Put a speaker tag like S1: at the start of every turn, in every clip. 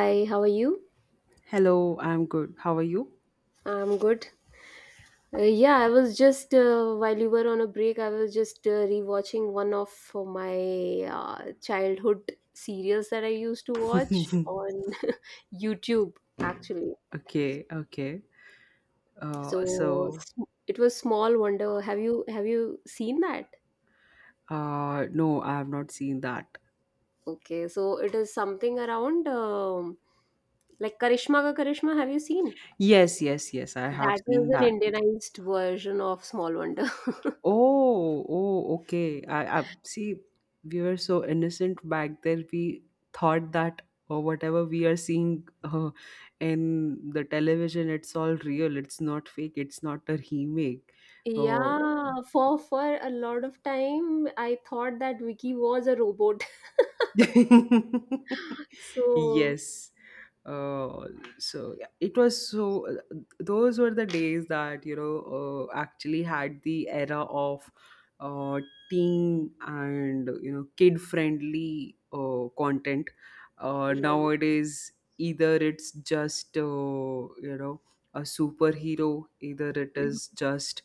S1: Hi, how are you?
S2: Hello, I'm good. How are you?
S1: I'm good. Yeah, I was just while you were on a break, I was just rewatching one of my childhood serials that I used to watch on YouTube actually.
S2: Okay, okay.
S1: So
S2: So,
S1: it was Small Wonder. Have you seen that?
S2: no, I have not seen that.
S1: Okay, so it is something around like Karishma Ka Karishma. Have you seen?
S2: Yes, yes, yes, I have
S1: That is
S2: seen
S1: an
S2: that.
S1: Indianized version of Small Wonder.
S2: Oh, oh, okay. I see. We were so innocent back then. We thought that, or whatever we are seeing in the television, it's all real. It's not fake. It's not a remake. Oh.
S1: Yeah, for a lot of time, I thought that Vicky was a robot. So,
S2: Yes. Uh, so yeah, it was so. Those were the days that, actually had the era of uh, teen and, kid-friendly content.
S1: right.
S2: Nowadays, either it's just a superhero, either it
S1: Mhm.
S2: is just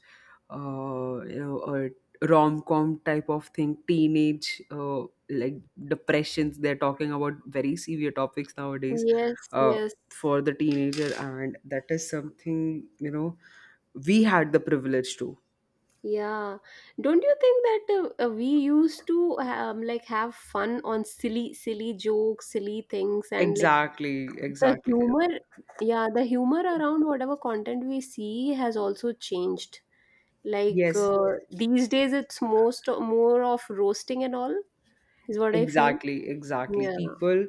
S2: a rom-com type of thing, teenage, like, depressions, they're talking about very severe topics nowadays,
S1: Yes,
S2: uh,
S1: yes.
S2: for the teenager, and that is something, we had the privilege to.
S1: Yeah. Don't you think that we used to like have fun on silly, silly jokes, silly things, and like
S2: Exactly,
S1: the
S2: exactly.
S1: humor, yeah, the humor around whatever content we see has also changed. Like
S2: Yes,
S1: these days, it's most more of roasting and all is what I feel.
S2: exactly, exactly.
S1: Yeah.
S2: People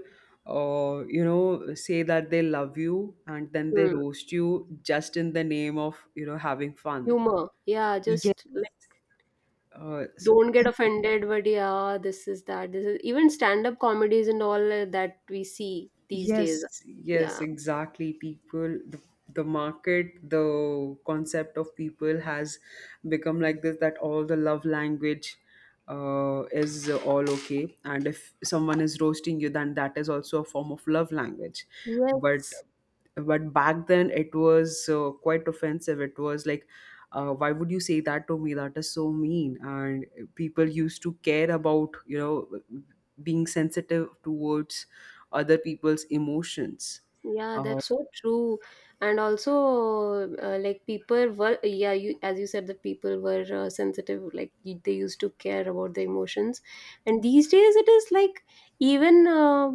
S2: say that they love you, and then they
S1: Hmm.
S2: roast you just in the name of, having fun.
S1: Humor. Yeah,
S2: Yes.
S1: just like
S2: uh, so
S1: don't get offended, but yeah, this is that. This is even stand-up comedies and all that we see these days.
S2: Yes, yes,
S1: Yeah.
S2: exactly. People, the market, the concept of people has become like this, that all the love language is all okay. And if someone is roasting you, then that is also a form of love language. But
S1: Yes.
S2: but back then it was quite offensive. It was like, why would you say that to me? That is so mean. And people used to care about, you know, being sensitive towards other people's emotions.
S1: Yeah,
S2: Uh,
S1: that's so true. And also, like people were, yeah, you as you said, that people were sensitive. Like they used to care about the emotions, and these days it is like even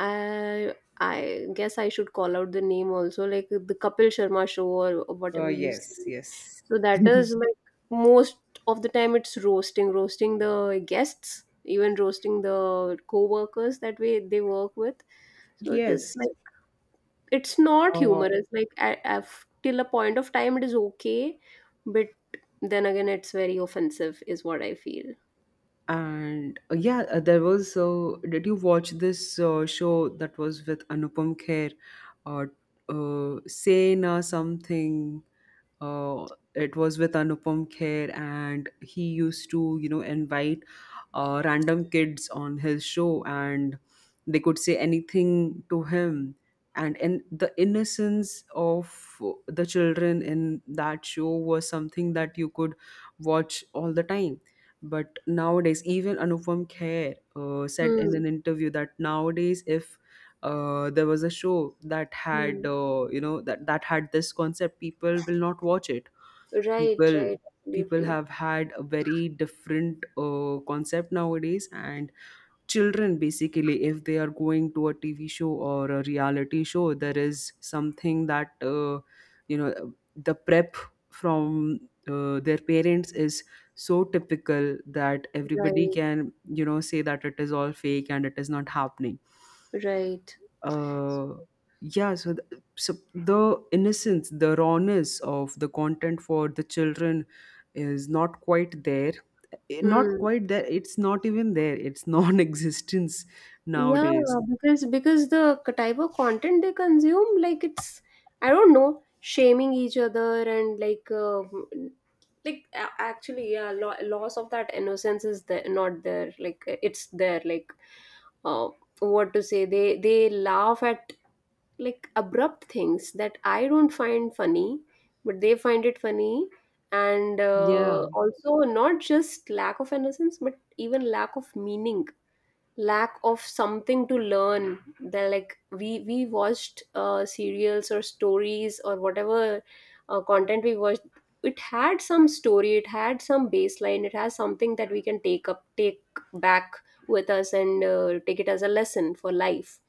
S1: I I guess I should call out the name also, like the Kapil Sharma show or whatever you
S2: yes,
S1: see.
S2: yes,
S1: So that is like most of the time it's roasting, roasting the guests, even roasting the co-workers that way they work with. So it is
S2: yes.
S1: like it's not
S2: Uh,
S1: humorous. Like I've, till a point of time it is okay, but then again it's very offensive, is what I feel.
S2: And yeah, there was. So, did you watch this show that was with Anupam Kher, or, Sena something? Uh, it was with Anupam Kher, and he used to, you know, invite random kids on his show, and they could say anything to him. And in the innocence of the children in that show was something that you could watch all the time. But nowadays, even Anupam Kher said in
S1: Hmm.
S2: an interview that nowadays, if there was a show that had
S1: Hmm.
S2: that had this concept, people will not watch it.
S1: Right.
S2: People
S1: Right.
S2: people
S1: Absolutely.
S2: have had a very different concept nowadays, and children, basically, if they are going to a TV show or a reality show, there is something that, you know the prep from their parents is so typical that everybody
S1: Right.
S2: can, you know, say that it is all fake and it is not happening.
S1: Right.
S2: uh yeah so the innocence, the rawness of the content for the children is not quite there. Not
S1: Hmm.
S2: quite there, it's not even there, it's non-existence
S1: Yeah,
S2: nowadays.
S1: because the type of content they consume, like it's I don't know, shaming each other and like actually yeah, lo loss of that innocence is there, not there. Like it's there. Like uh, what to say? They laugh at like abrupt things that I don't find funny, but they find it funny. And
S2: Yeah,
S1: also not just lack of innocence, but even lack of meaning, lack of something to learn. They're like we watched serials or stories or whatever content we watched. It had some story, it had some baseline, it has something that we can take back with us and take it as a lesson for life.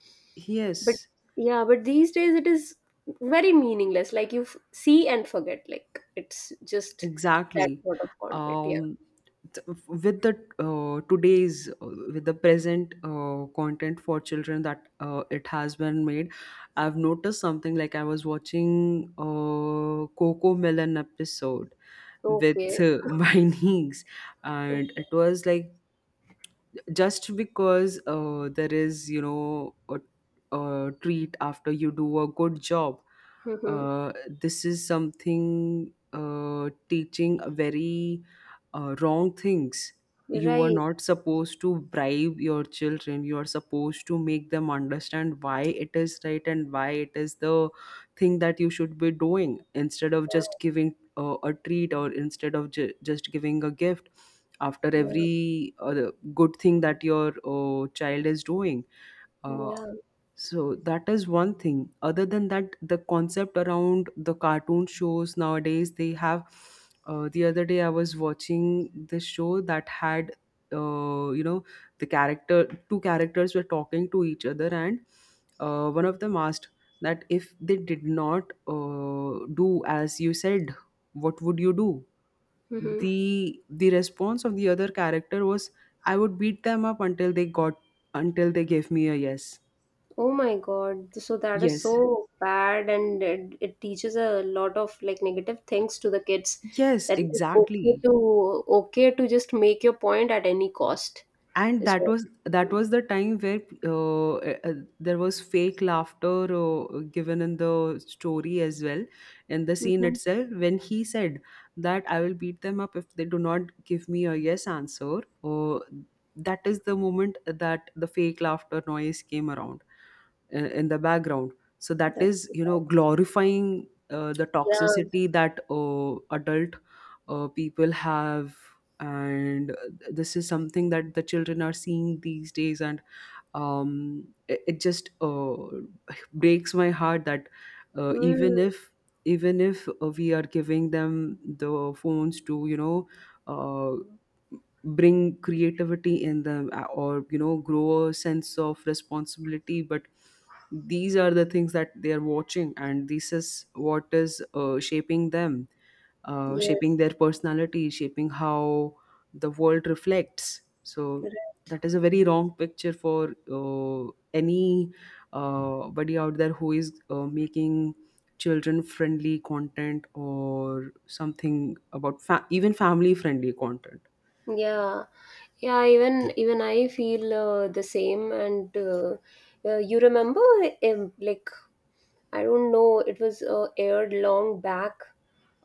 S1: But
S2: yes,
S1: yeah, but these days it is very meaningless. Like you see and forget, like it's just that
S2: exactly.
S1: sort of content. Yeah.
S2: Um, t- with the uh, today's uh, with the present content for children, that it has been made, I've noticed something. Like, I was watching Coco Melon episode with
S1: Okay,
S2: my niece, and
S1: okay.
S2: it was like, just because there is, a treat after you do a good job,
S1: Mhm.
S2: uh, this is something teaching a very wrong things. You are
S1: Right.
S2: not supposed to bribe your children. You are supposed to make them understand why it is right, and why it is the thing that you should be doing, instead of just
S1: Yeah,
S2: giving a treat, or instead of just giving a gift after
S1: yeah.
S2: every good thing that your child is doing. Uh,
S1: Yeah.
S2: so that is one thing. Other than that, the concept around the cartoon shows nowadays, they have. The other day, I was watching this show that had, uh, you know, the character, two characters were talking to each other, and one of them asked, that if they did not do as you said, what would you do?
S1: Hmm.
S2: The response of the other character was, I would beat them up until they got, until they gave me a yes.
S1: Oh my God. So that is
S2: Yes.
S1: so bad, and it teaches a lot of like negative things to the kids.
S2: Yes,
S1: That it's
S2: exactly.
S1: okay to just make your point at any cost.
S2: And
S1: Is
S2: that
S1: what.
S2: was that was the time where there was fake laughter given in the story as well, in the scene
S1: Mm-hmm.
S2: itself, when he said that I will beat them up if they do not give me a yes answer. That is the moment that the fake laughter noise came around in the background. So that
S1: That's
S2: is,
S1: too
S2: you know,
S1: bad.
S2: glorifying the
S1: Yeah.
S2: toxicity that adult people have, and this is something that the children are seeing these days. And it just breaks my heart that, uh, even
S1: Mm.
S2: if even if we are giving them the phones to, uh, bring creativity in them, or, you know, grow a sense of responsibility, but these are the things that they are watching, and this is what is shaping them, shaping
S1: Yes.
S2: their personality, shaping how the world reflects. So
S1: Right.
S2: that is a very wrong picture for any body out there who is making children friendly content, or something about even family friendly content.
S1: Yeah. Yeah, even I feel the same. And you remember, like I don't know. It was aired long back,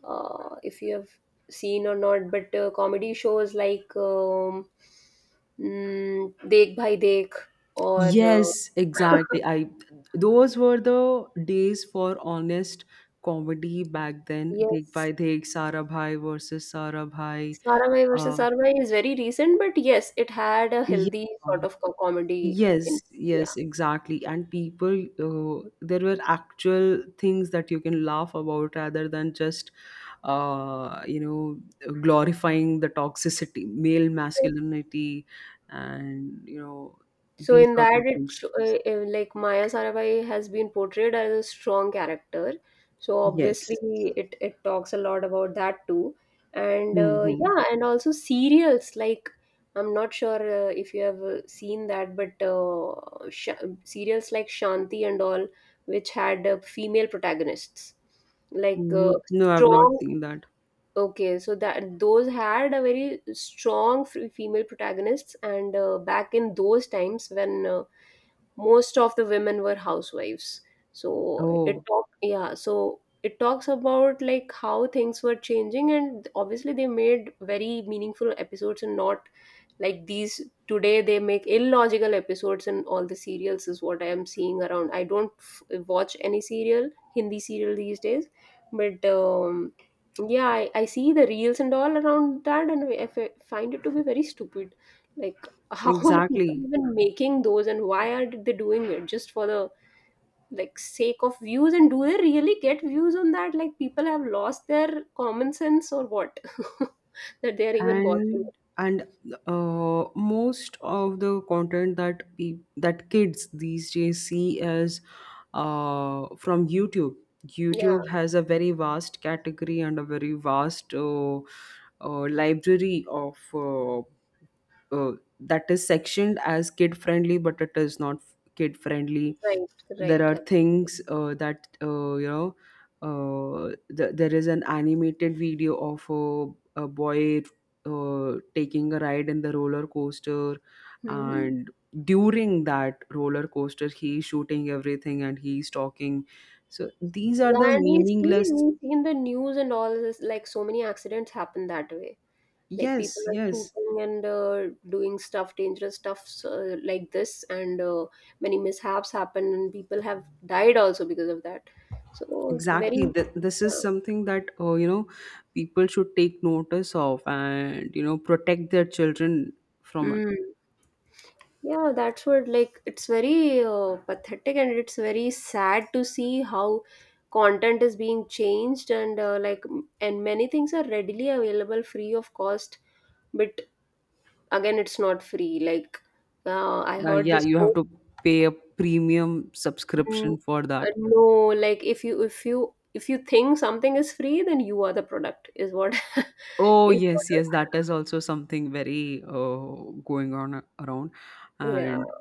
S1: if you have seen or not. But comedy shows like Dekh Bhai Dekh or
S2: Yes, exactly. I Those were the days for honest comedy back then. Dekh Bhai
S1: yes,
S2: Dekh, Sara Bhai versus Sara Bhai.
S1: Sarabhai versus
S2: Uh,
S1: Sarabhai is very recent. But yes, it had a
S2: yeah,
S1: healthy sort of comedy. In,
S2: Yes,
S1: yeah.
S2: yes, exactly. And people, there were actual things that you can laugh about, rather than just, glorifying the toxicity, male masculinity, and, you know,
S1: So
S2: these
S1: in
S2: sort
S1: that,
S2: of
S1: it
S2: things.
S1: like Maya Sarabhai has been portrayed as a strong character. So obviously,
S2: Yes.
S1: it talks a lot about that too, and
S2: Mm-hmm.
S1: yeah, and also serials like, I'm not sure if you have seen that, but serials like Shanti and all, which had female protagonists, like
S2: Mm-hmm. No, I've not
S1: strong.
S2: seen that.
S1: Okay, so that those had a very strong female protagonists, and back in those times when most of the women were housewives. So
S2: Oh,
S1: it talks about like how things were changing, and obviously they made very meaningful episodes and not like these. Today they make illogical episodes, and all the serials is what I am seeing around. I don't watch any serial Hindi serial these days. But yeah, I see the reels and all around that, and I find it to be very stupid. Like how are people
S2: exactly.
S1: even making those, and why are they doing it just for the like sake of views? And do they really get views on that? Like people have lost their common sense or what? That they're even watching
S2: and
S1: it.
S2: and most of the content that that kids these days see is from YouTube.
S1: Yeah.
S2: YouTube has a very vast category, and a very vast library of uh, that is sectioned as kid friendly, but it is not kid friendly.
S1: Right.
S2: There
S1: Right.
S2: are things that, uh, there is an animated video of a boy taking a ride in the roller coaster,
S1: Hmm.
S2: and during that roller coaster, he's shooting everything and he's talking. So these are the
S1: Yeah, and we see
S2: meaningless.
S1: we see in the news and all this, like so many accidents happen that way. Like people
S2: Yes,
S1: are
S2: yes,
S1: shooting and doing stuff, dangerous stuffs like this, and many mishaps happen and people have died also because of that. So very
S2: exactly. This is
S1: uh,
S2: something that, people should take notice of, and you know, protect their children from it.
S1: mm, yeah, that's what, like it's very pathetic and it's very sad to see how content is being changed. And like and many things are readily available free of cost, but again it's not free. Like I
S2: Yeah,
S1: heard
S2: yeah,
S1: this.
S2: you have to pay a premium
S1: Mm,
S2: subscription for that.
S1: no, like if you think something is free then you are the product, is what
S2: Oh,
S1: is what
S2: yes,
S1: is-
S2: yes, that is also something very going on around.
S1: yeah.
S2: And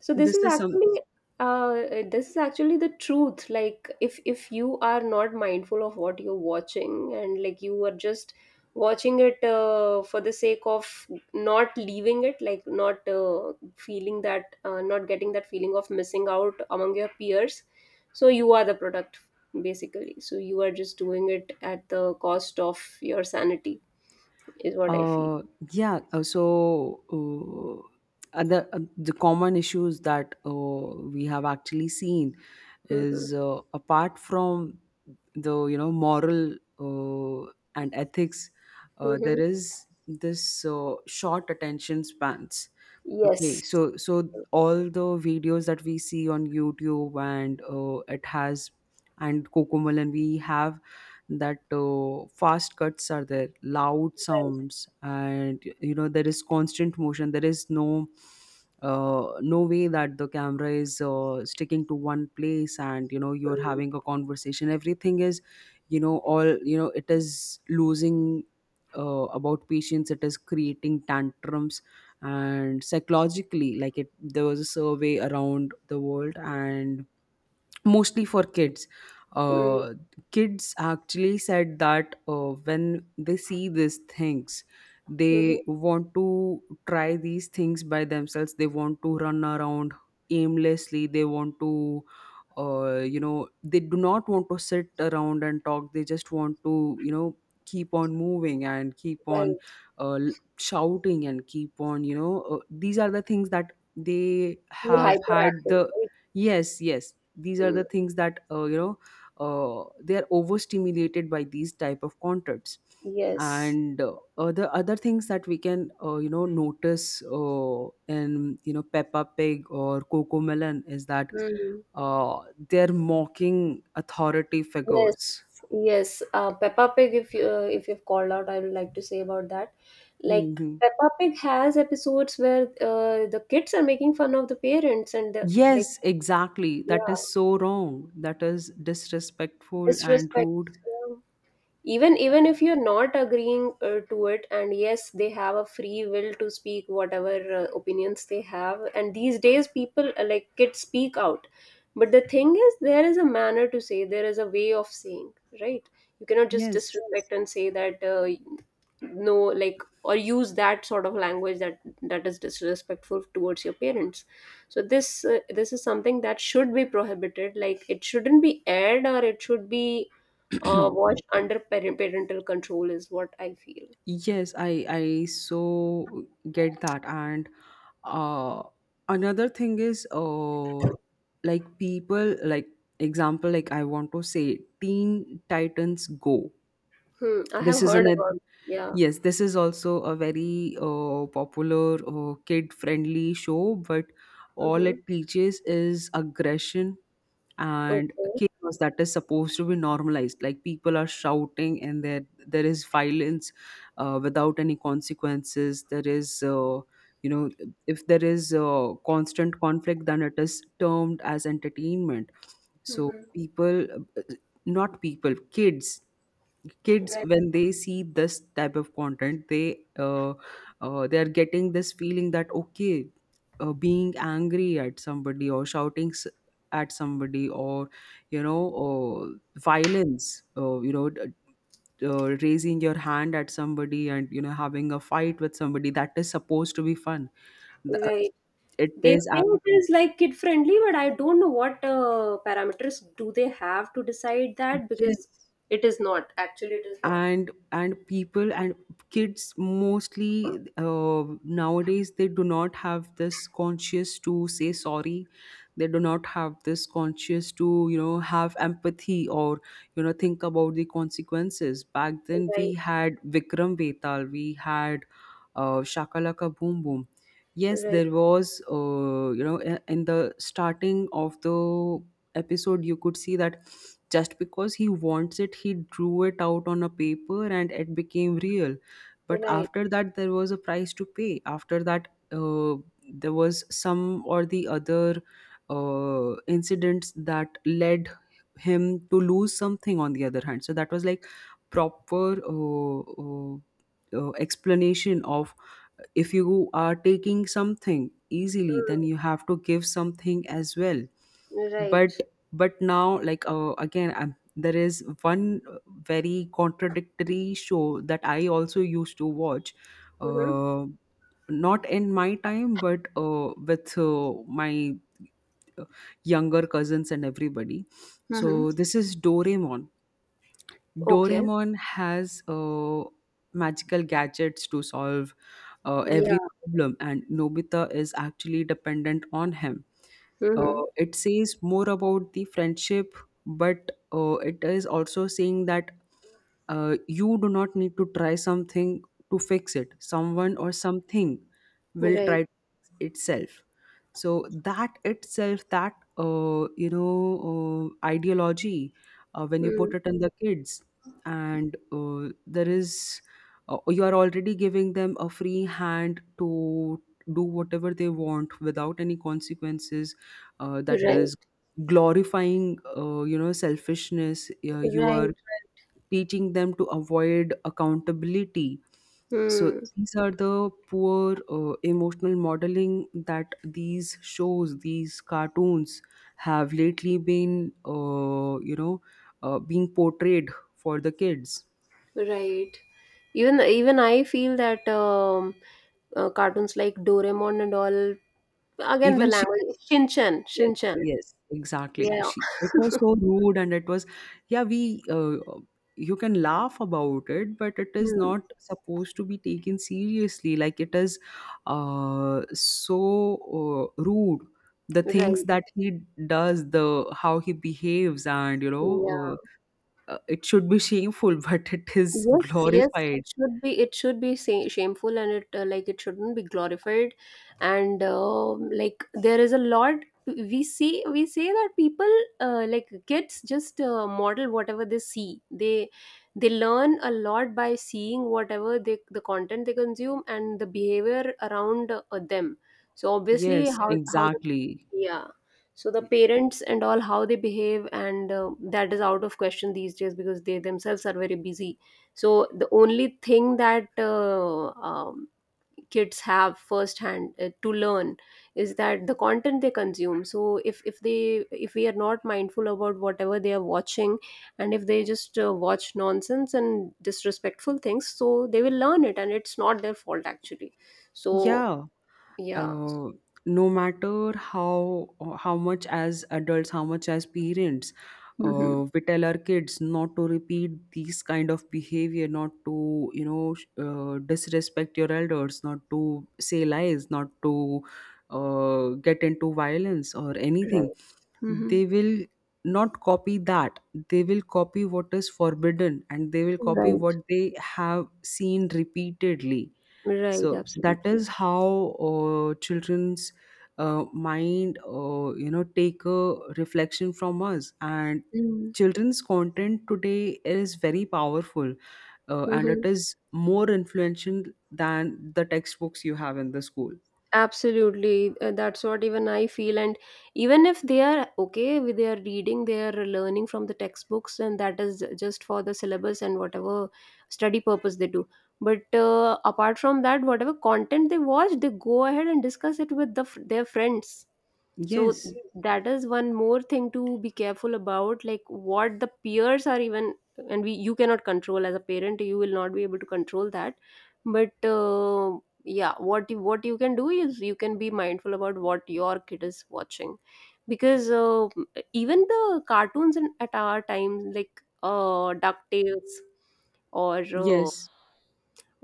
S1: So this
S2: this
S1: is
S2: is some,
S1: actually, uh, the truth. Like if you are not mindful of what you're watching and like you are just watching it for the sake of not leaving it, like not feeling that not getting that feeling of missing out among your peers, so you are the product basically. So you are just doing it at the cost of your sanity, is what I feel.
S2: uh, yeah, so other, the common issues that we have actually seen
S1: Hmm.
S2: is, apart from the, you know, moral and ethics, there
S1: Hmm.
S2: is this short attention spans. Okay,
S1: Yes.
S2: so, all the videos that we see on YouTube, and it has, and kokomal, and we have that, fast cuts are there, loud
S1: Right.
S2: sounds, and you know, there is constant motion, there is no way that the camera is sticking to one place, and you know, you're having a conversation, everything is, you know, all you know, it is losing about patience, it is creating tantrums. And psychologically, like, it there was a survey around the world, and mostly for kids,
S1: Mm-hmm.
S2: uh, kids actually said that, when they see these things, they want to try these things by themselves, they want to run around aimlessly, they want to, they do not want to sit around and talk, they just want to, you know, keep on moving, and keep on
S1: Right.
S2: uh, l- shouting, and keep on, these are the things that they
S1: Be
S2: have had
S1: hyperactive,
S2: the.
S1: right?
S2: Yes, yes. These are the
S1: Mm,
S2: things that, they are overstimulated by these type of contents.
S1: yes.
S2: And the other things that we can, notice in, you know, Peppa Pig or Coco Melon is that
S1: Mm.
S2: uh, they're mocking authority
S1: Yes,
S2: figures.
S1: yes. Peppa Pig, if you if you've called out, I would like to say about that. Like
S2: Hmm,
S1: Peppa Pig has episodes where the kids are making fun of the parents and the, like,
S2: yes, exactly. That
S1: yeah,
S2: is so wrong, that is disrespectful and
S1: disrespect.
S2: rude.
S1: Yeah. Even if you're not agreeing to it, and yes, they have a free will to speak whatever opinions they have, and these days people, like kids speak out. But the thing is, there is a manner to say, there is a way of saying. Right, you cannot just
S2: Yes.
S1: disrespect and say that no, like, or use that sort of language that is disrespectful towards your parents. So this is something that should be prohibited. Like it shouldn't be aired, or it should be watched under parental control, is what I feel.
S2: Yes. I so get that. And uh another thing is, like people, like, example, like, I want to say Teen Titans Go.
S1: Hmm, I
S2: This
S1: have
S2: is
S1: heard
S2: an ad-
S1: about. Yeah.
S2: Yes, this is also a very popular kid friendly show, but all
S1: Mm-hmm.
S2: it teaches is aggression and
S1: Okay.
S2: chaos that is supposed to be normalized, like people are shouting, and there is violence without any consequences, there is, you know if there is constant conflict, then it is termed as entertainment. So
S1: Mm-hmm.
S2: people, uh, not people, kids, kids
S1: Right.
S2: when they see this type of content, they are getting this feeling that, okay, being angry at somebody, or shouting at somebody, or you know violence, raising your hand at somebody, and you know, having a fight with somebody, that is supposed to be fun. Th- uh,
S1: Right.
S2: it
S1: They say
S2: is act-
S1: it is like kid friendly, but I don't know what parameters do they have to decide that, because
S2: yes.
S1: it is not. Actually, it is not.
S2: And people, and kids, mostly, nowadays, they do not have this conscious to say sorry, they do not have this conscious to, you know, have empathy, or you know, think about the consequences. Back then
S1: Right.
S2: we had Vikram Vetal, we had Shakalaka Boom Boom. Yes,
S1: Right.
S2: there was, in the starting of the episode, you could see that just because he wants it, he drew it out on a paper and it became real. But
S1: Right.
S2: after that, there was a price to pay. After that there was some or the other incidents that led him to lose something on the other hand. So that was like proper uh, explanation of if you are taking something easily,
S1: Hmm.
S2: then you have to give something as well. but
S1: Right.
S2: but now, like, again, there is one very contradictory show that I also used to watch,
S1: Mm-hmm.
S2: uh, not in my time, but with my uh, younger cousins and everybody.
S1: Mm-hmm.
S2: So this is Doraemon.
S1: Okay.
S2: Doraemon has magical gadgets to solve every
S1: Yeah.
S2: problem, and Nobita is actually dependent on him.
S1: Mm-hmm.
S2: It says more about the friendship, but it is also saying that you do not need to try something to fix it, someone or something will
S1: Right.
S2: try to fix itself. So that itself, that, ideology, when you put
S1: Mm.
S2: it in the kids, and there is, you are already giving them a free hand to do whatever they want without any consequences. That
S1: Right.
S2: is glorifying, selfishness. You
S1: Right.
S2: are
S1: Right.
S2: teaching them to avoid accountability. So
S1: Mm.
S2: these are the poor emotional modeling that these shows, these cartoons have lately been, being portrayed for the kids.
S1: Right. Even I feel that cartoons like Doraemon and all, again the
S2: Even.
S1: language. Shinchan
S2: Yes,
S1: Shinchan
S2: yes, exactly.
S1: yeah.
S2: She it was so rude, and it was, yeah, we you can laugh about it, but it is
S1: Hmm.
S2: not supposed to be taken seriously. Like, it is so rude, the things
S1: Right.
S2: that he does, the how he behaves, and you
S1: Yeah.
S2: know, it should be shameful, but it is
S1: Yes, yes,
S2: glorified.
S1: it should be. It should be shameful, and it, like it shouldn't be glorified. And like, there is a lot we see. We say that people, like kids just model whatever they see. They learn a lot by seeing whatever, the content they consume and the behavior around them. So obviously,
S2: Yes,
S1: how the,
S2: exactly.
S1: yeah. So the parents and all, how they behave, and that is out of question these days because they themselves are very busy. So the only thing that kids have firsthand to learn is that the content they consume. So if we are not mindful about whatever they are watching, and if they just watch nonsense and disrespectful things, so they will learn it and it's not their fault actually. So
S2: Yeah.
S1: yeah.
S2: uh, no matter how much as adults, how much as parents,
S1: Hmm.
S2: we tell our kids not to repeat these kind of behavior, not to, you know, disrespect your elders, not to say lies, not to get into violence or
S1: Right.
S2: anything,
S1: Hmm.
S2: they will not copy that. They will copy what is forbidden, and they will copy
S1: Right.
S2: what they have seen repeatedly.
S1: Right,
S2: So that
S1: absolutely.
S2: is how children's mind, take a reflection from us. And
S1: Mhm.
S2: children's content today is very powerful, and it
S1: Mhm.
S2: is more influential than the textbooks you have in the school.
S1: Absolutely. That's what even I feel. And even if they are okay with their reading, they are learning from the textbooks, and that is just for the syllabus and whatever study purpose they do. But apart from that, whatever content they watch, they go ahead and discuss it with their friends. So
S2: Yes,
S1: that is one more thing to be careful about, like what the peers are even. And we you cannot control as a parent, you will not be able to control that. But yeah, what you can do is you can be mindful about what your kid is watching. Because even the cartoons at our time, like DuckTales or
S2: yes.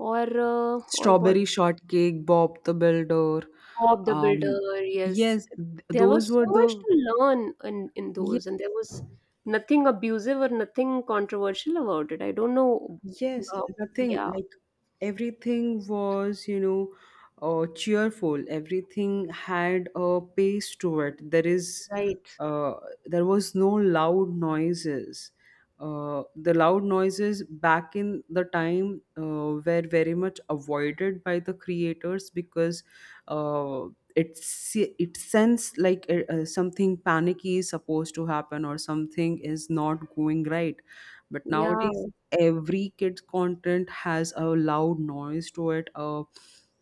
S1: or what,
S2: Strawberry Shortcake, Bob the Builder.
S1: Bob the
S2: Um,
S1: Builder, yes.
S2: yes,
S1: There
S2: those
S1: was
S2: were
S1: so
S2: the.
S1: much to learn in those, and there was nothing abusive or nothing controversial about it. I don't know.
S2: Yes,
S1: Uh,
S2: nothing
S1: yeah.
S2: like everything was, you know, cheerful. Everything had a pace to it. There is,
S1: Right.
S2: uh, there was no loud noises. The loud noises back in the time were very much avoided by the creators because uh, it's, it sense like, something panicky is supposed to happen or something is not going right. But
S1: Yeah.
S2: nowadays every kid's content has a loud noise to it. uh,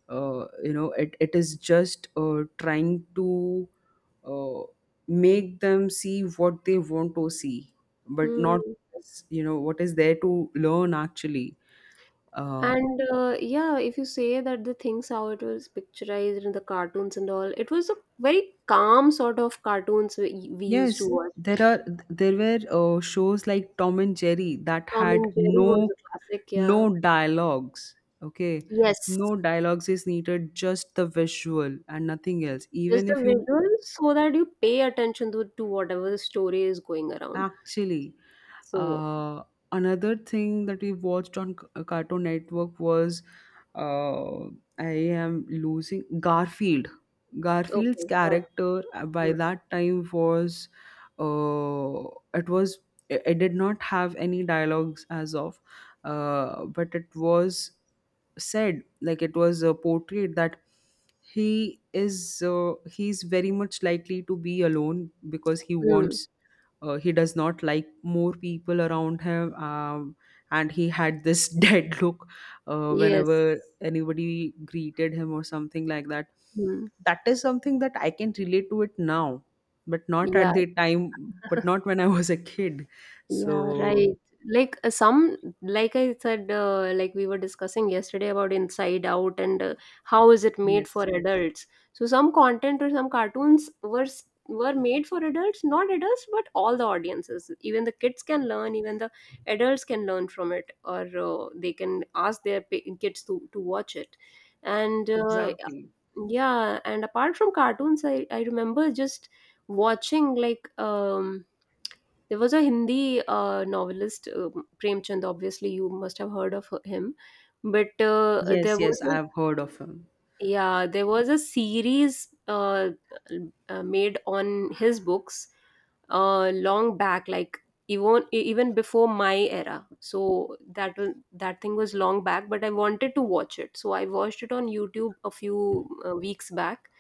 S2: uh, You know, it is just trying to uh, make them see what they want to see, but not,
S1: Hmm.
S2: you know, what is there to learn actually. uh,
S1: And Yeah, if you say that the things how it was picturized in the cartoons and all, it was a very calm sort of cartoons we used
S2: yes,
S1: to watch.
S2: there are, there were shows like Tom and Jerry that
S1: Tom
S2: had
S1: and Jerry was
S2: no,
S1: a classic,
S2: no
S1: yeah.
S2: dialogues. Okay,
S1: Yes,
S2: no dialogues is needed, just the visual and nothing else,
S1: just
S2: even
S1: the
S2: if you.
S1: visuals so that you pay attention to whatever the story is going around.
S2: Actually,
S1: So,
S2: uh, another thing that we watched on Cartoon Network was, uh, I am losing Garfield. Garfield's
S1: okay, yeah.
S2: character by
S1: Mm,
S2: that time was, uh, it was it it did not have any dialogues as of, but it was said like, it was portrayed that he is, he's very much likely to be alone because he
S1: mm,
S2: wants, he does not like more people around him. Um, and he had this dead look
S1: yes.
S2: whenever anybody greeted him or something like that.
S1: Mm,
S2: That is something that I can relate to it now, but not
S1: yeah.
S2: at the time, but not when I was a kid.
S1: Yeah,
S2: So.
S1: right. Like some, like I said, like we were discussing yesterday about Inside Out and how is it made for
S2: Yes,
S1: adults. So some content or some cartoons were made for adults, not adults, but all the audiences. Even the kids can learn, even the adults can learn from it, or they can ask their kids to watch it. And
S2: exactly.
S1: yeah, and apart from cartoons, I remember just watching like, there was a Hindi novelist, Premchand. Obviously, you must have heard of him. But
S2: Yes,
S1: there was
S2: yes, I
S1: a
S2: have heard of him.
S1: yeah, there was a series made on his books, long back, like even before my era. So that thing was long back, but I wanted to watch it. So I watched it on YouTube a few weeks back,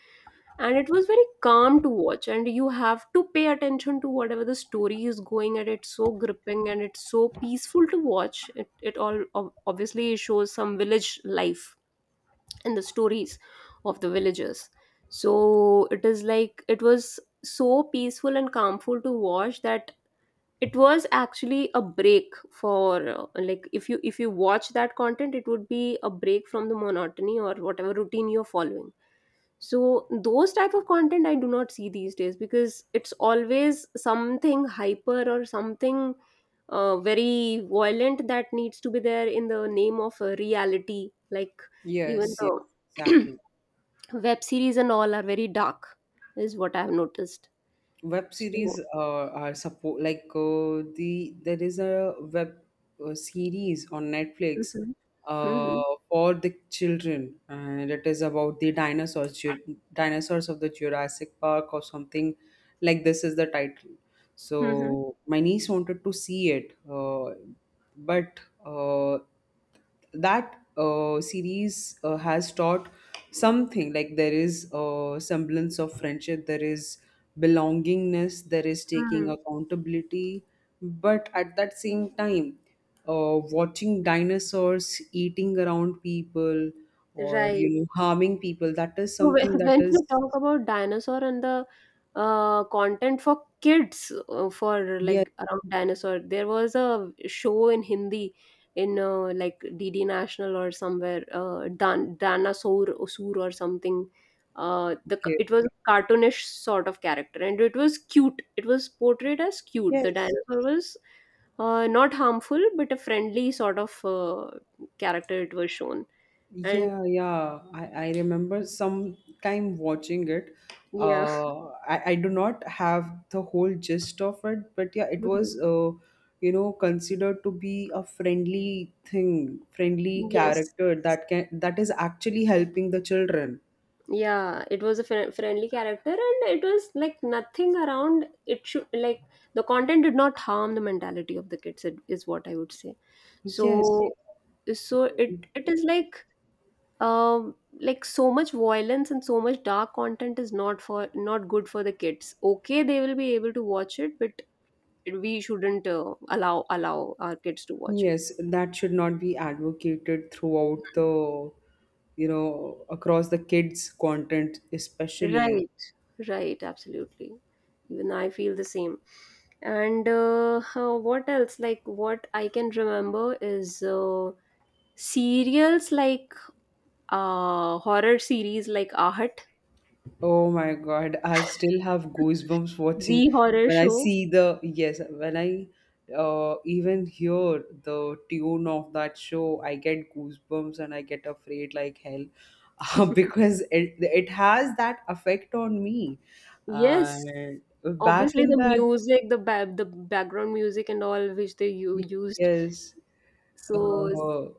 S1: and it was very calm to watch, and you have to pay attention to whatever the story is going at. It's so gripping and it's so peaceful to watch it. It all obviously shows some village life and the stories of the villagers. So it is like it was so peaceful and calmful to watch that it was actually a break for like, if you watch that content, it would be a break from the monotony or whatever routine you're following. So those type of content I do not see these days, because it's always something hyper or something very violent that needs to be there in the name of reality. Like, even
S2: Yes, yes,
S1: the
S2: exactly.
S1: web series and all are very dark is what I have noticed.
S2: Web series
S1: So,
S2: are support, like, there is a web series on Netflix,
S1: mhm.
S2: uh,
S1: Mhm.
S2: for the children, and it is about the dinosaurs. Dinosaurs of the Jurassic Park or something, like this is the title.
S1: Mhm. Mhm.
S2: So my niece wanted to see it, but uh, that series has taught something like there is a semblance of friendship, there is belongingness, there is taking
S1: Mm.
S2: accountability. But at that same time, watching dinosaurs eating around people, or, you
S1: Right.
S2: know, harming people, that is
S1: So when
S2: something that
S1: when you
S2: is.
S1: talk about dinosaur and the content for kids, for
S2: Yes.
S1: like around dinosaur, there was a show in Hindi in like DD National or somewhere, Dan Danasaur Osur or something.
S2: Okay.
S1: It was a cartoonish sort of character, and it was cute. It was portrayed as cute. The
S2: Yes.
S1: dinosaur was not harmful but a friendly sort of character, it was shown. And
S2: Yeah, yeah. I remember some time watching it.
S1: yeah.
S2: I do not have the whole gist of it, but yeah, it was, you know, considered to be a friendly thing, friendly
S1: Yes.
S2: character that can, that is actually helping the children.
S1: Yeah, it was a fri friendly character, and it was like nothing around. It should like the content did not harm the mentality of the kids. It is what I would say.
S2: Yes,
S1: So, so it is like um like, so much violence and so much dark content is not for not good for the kids. Okay, they will be able to watch it, but we shouldn't allow our kids to watch it.
S2: yes, that should not be advocated throughout the, you know, across the kids' content, especially.
S1: Right, right, absolutely. Even I feel the same. And what else? Like, what I can remember is serials like horror series like Ahat,
S2: Oh my God, I still have goosebumps watching
S1: the horror
S2: when I
S1: show.
S2: see the, yes, when I even hear the tune of that show, I get goosebumps and I get afraid like hell. Because it has that effect on me.
S1: Yes,
S2: And back
S1: obviously
S2: in
S1: the
S2: that,
S1: music, the background music and all which they used.
S2: yes.
S1: So
S2: Oh.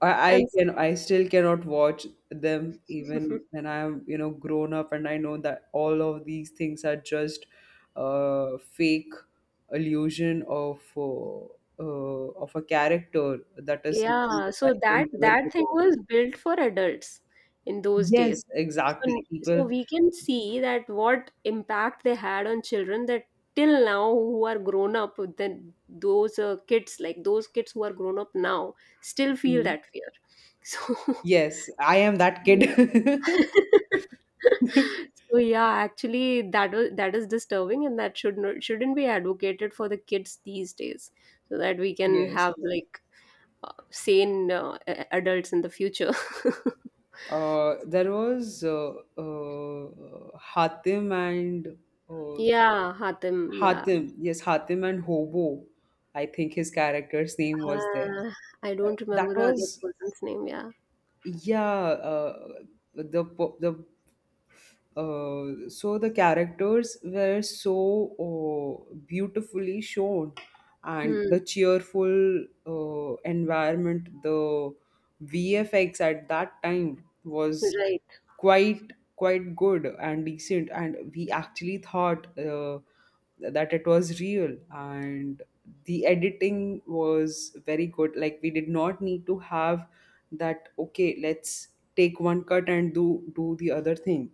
S2: I I
S1: and
S2: can, I still cannot watch them even when I'm, you know, grown up, and I know that all of these things are just a fake illusion of a character. That is something
S1: yeah,
S2: that I
S1: so
S2: can
S1: that
S2: never
S1: that
S2: get
S1: thing
S2: over.
S1: was built for adults in those days.
S2: Yes, exactly.
S1: So, so
S2: People.
S1: we can see that what impact they had on children, that till now who are grown up, then those kids, like those kids who are grown up now, still feel
S2: Mhm.
S1: that fear. So,
S2: Yes, I am that kid.
S1: so yeah, actually that was that is disturbing, and that shouldn't be advocated for the kids these days, so that we can
S2: Yes.
S1: have like sane adults in the future.
S2: There was Hatim and uh,
S1: Yeah, Hatim. Yeah.
S2: Hatim, yes, Hatim and Hobo. I think his character's name was there.
S1: Uh, I don't remember
S2: That
S1: the other
S2: was,
S1: person's name. Yeah.
S2: yeah. The the, so the characters were so beautifully shown, and
S1: Hmm.
S2: the cheerful environment, the VFX at that time was
S1: Right.
S2: quite, quite good and decent, and we actually thought that it was real, and the editing was very good. Like, we did not need to have that, okay, let's take one cut and do the other thing,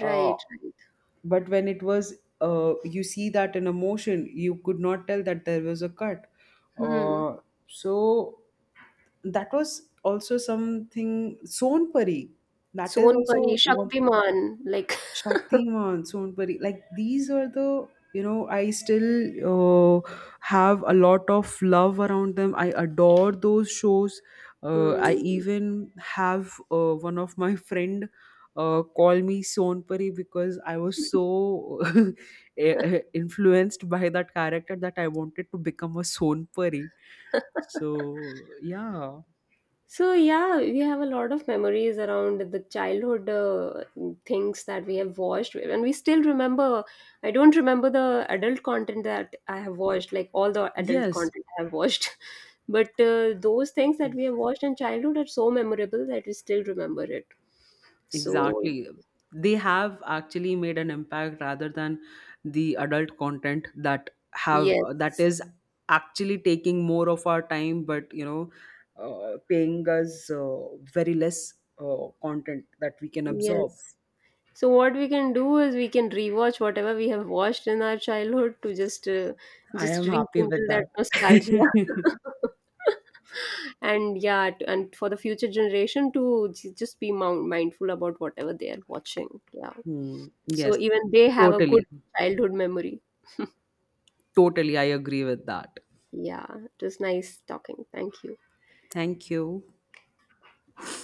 S2: uh,
S1: Right. Right.
S2: but when it was, you see that in a motion, you could not tell that there was a cut.
S1: Hmm.
S2: uh, so that was also something, Sonpuri, that is
S1: Sonpari,
S2: also one.
S1: Shaktiman. Like.
S2: Shaktiman, Sonpuri, like these are the, you know, I still uh, have a lot of love around them. I adore those shows. I
S1: Hmm.
S2: even have one of my friend call me Sonpuri, because I was so, influenced by that character that I wanted to become a Sonpuri. So yeah.
S1: So yeah, we have a lot of memories around the childhood things that we have watched, and we still remember. I don't remember the adult content that I have watched, like all the adult
S2: Yes.
S1: content I have watched, but those things that we have watched in childhood are so memorable that we still remember it. So
S2: Exactly. They have actually made an impact, rather than the adult content that have, that
S1: yes,
S2: is actually taking more of our time, but you know, paying us very less content that we can absorb.
S1: yes, so what we can do is we can rewatch whatever we have watched in our childhood to
S2: I
S1: just
S2: am happy with
S1: rekindle that
S2: that.
S1: nostalgia. And yeah, and for the future generation to just be mindful about whatever they are watching. Yeah.
S2: Hmm.
S1: So
S2: Yes,
S1: even they have a good
S2: totally,
S1: childhood memory.
S2: totally. I agree with that.
S1: Yeah. It was nice talking. Thank you.
S2: Thank you.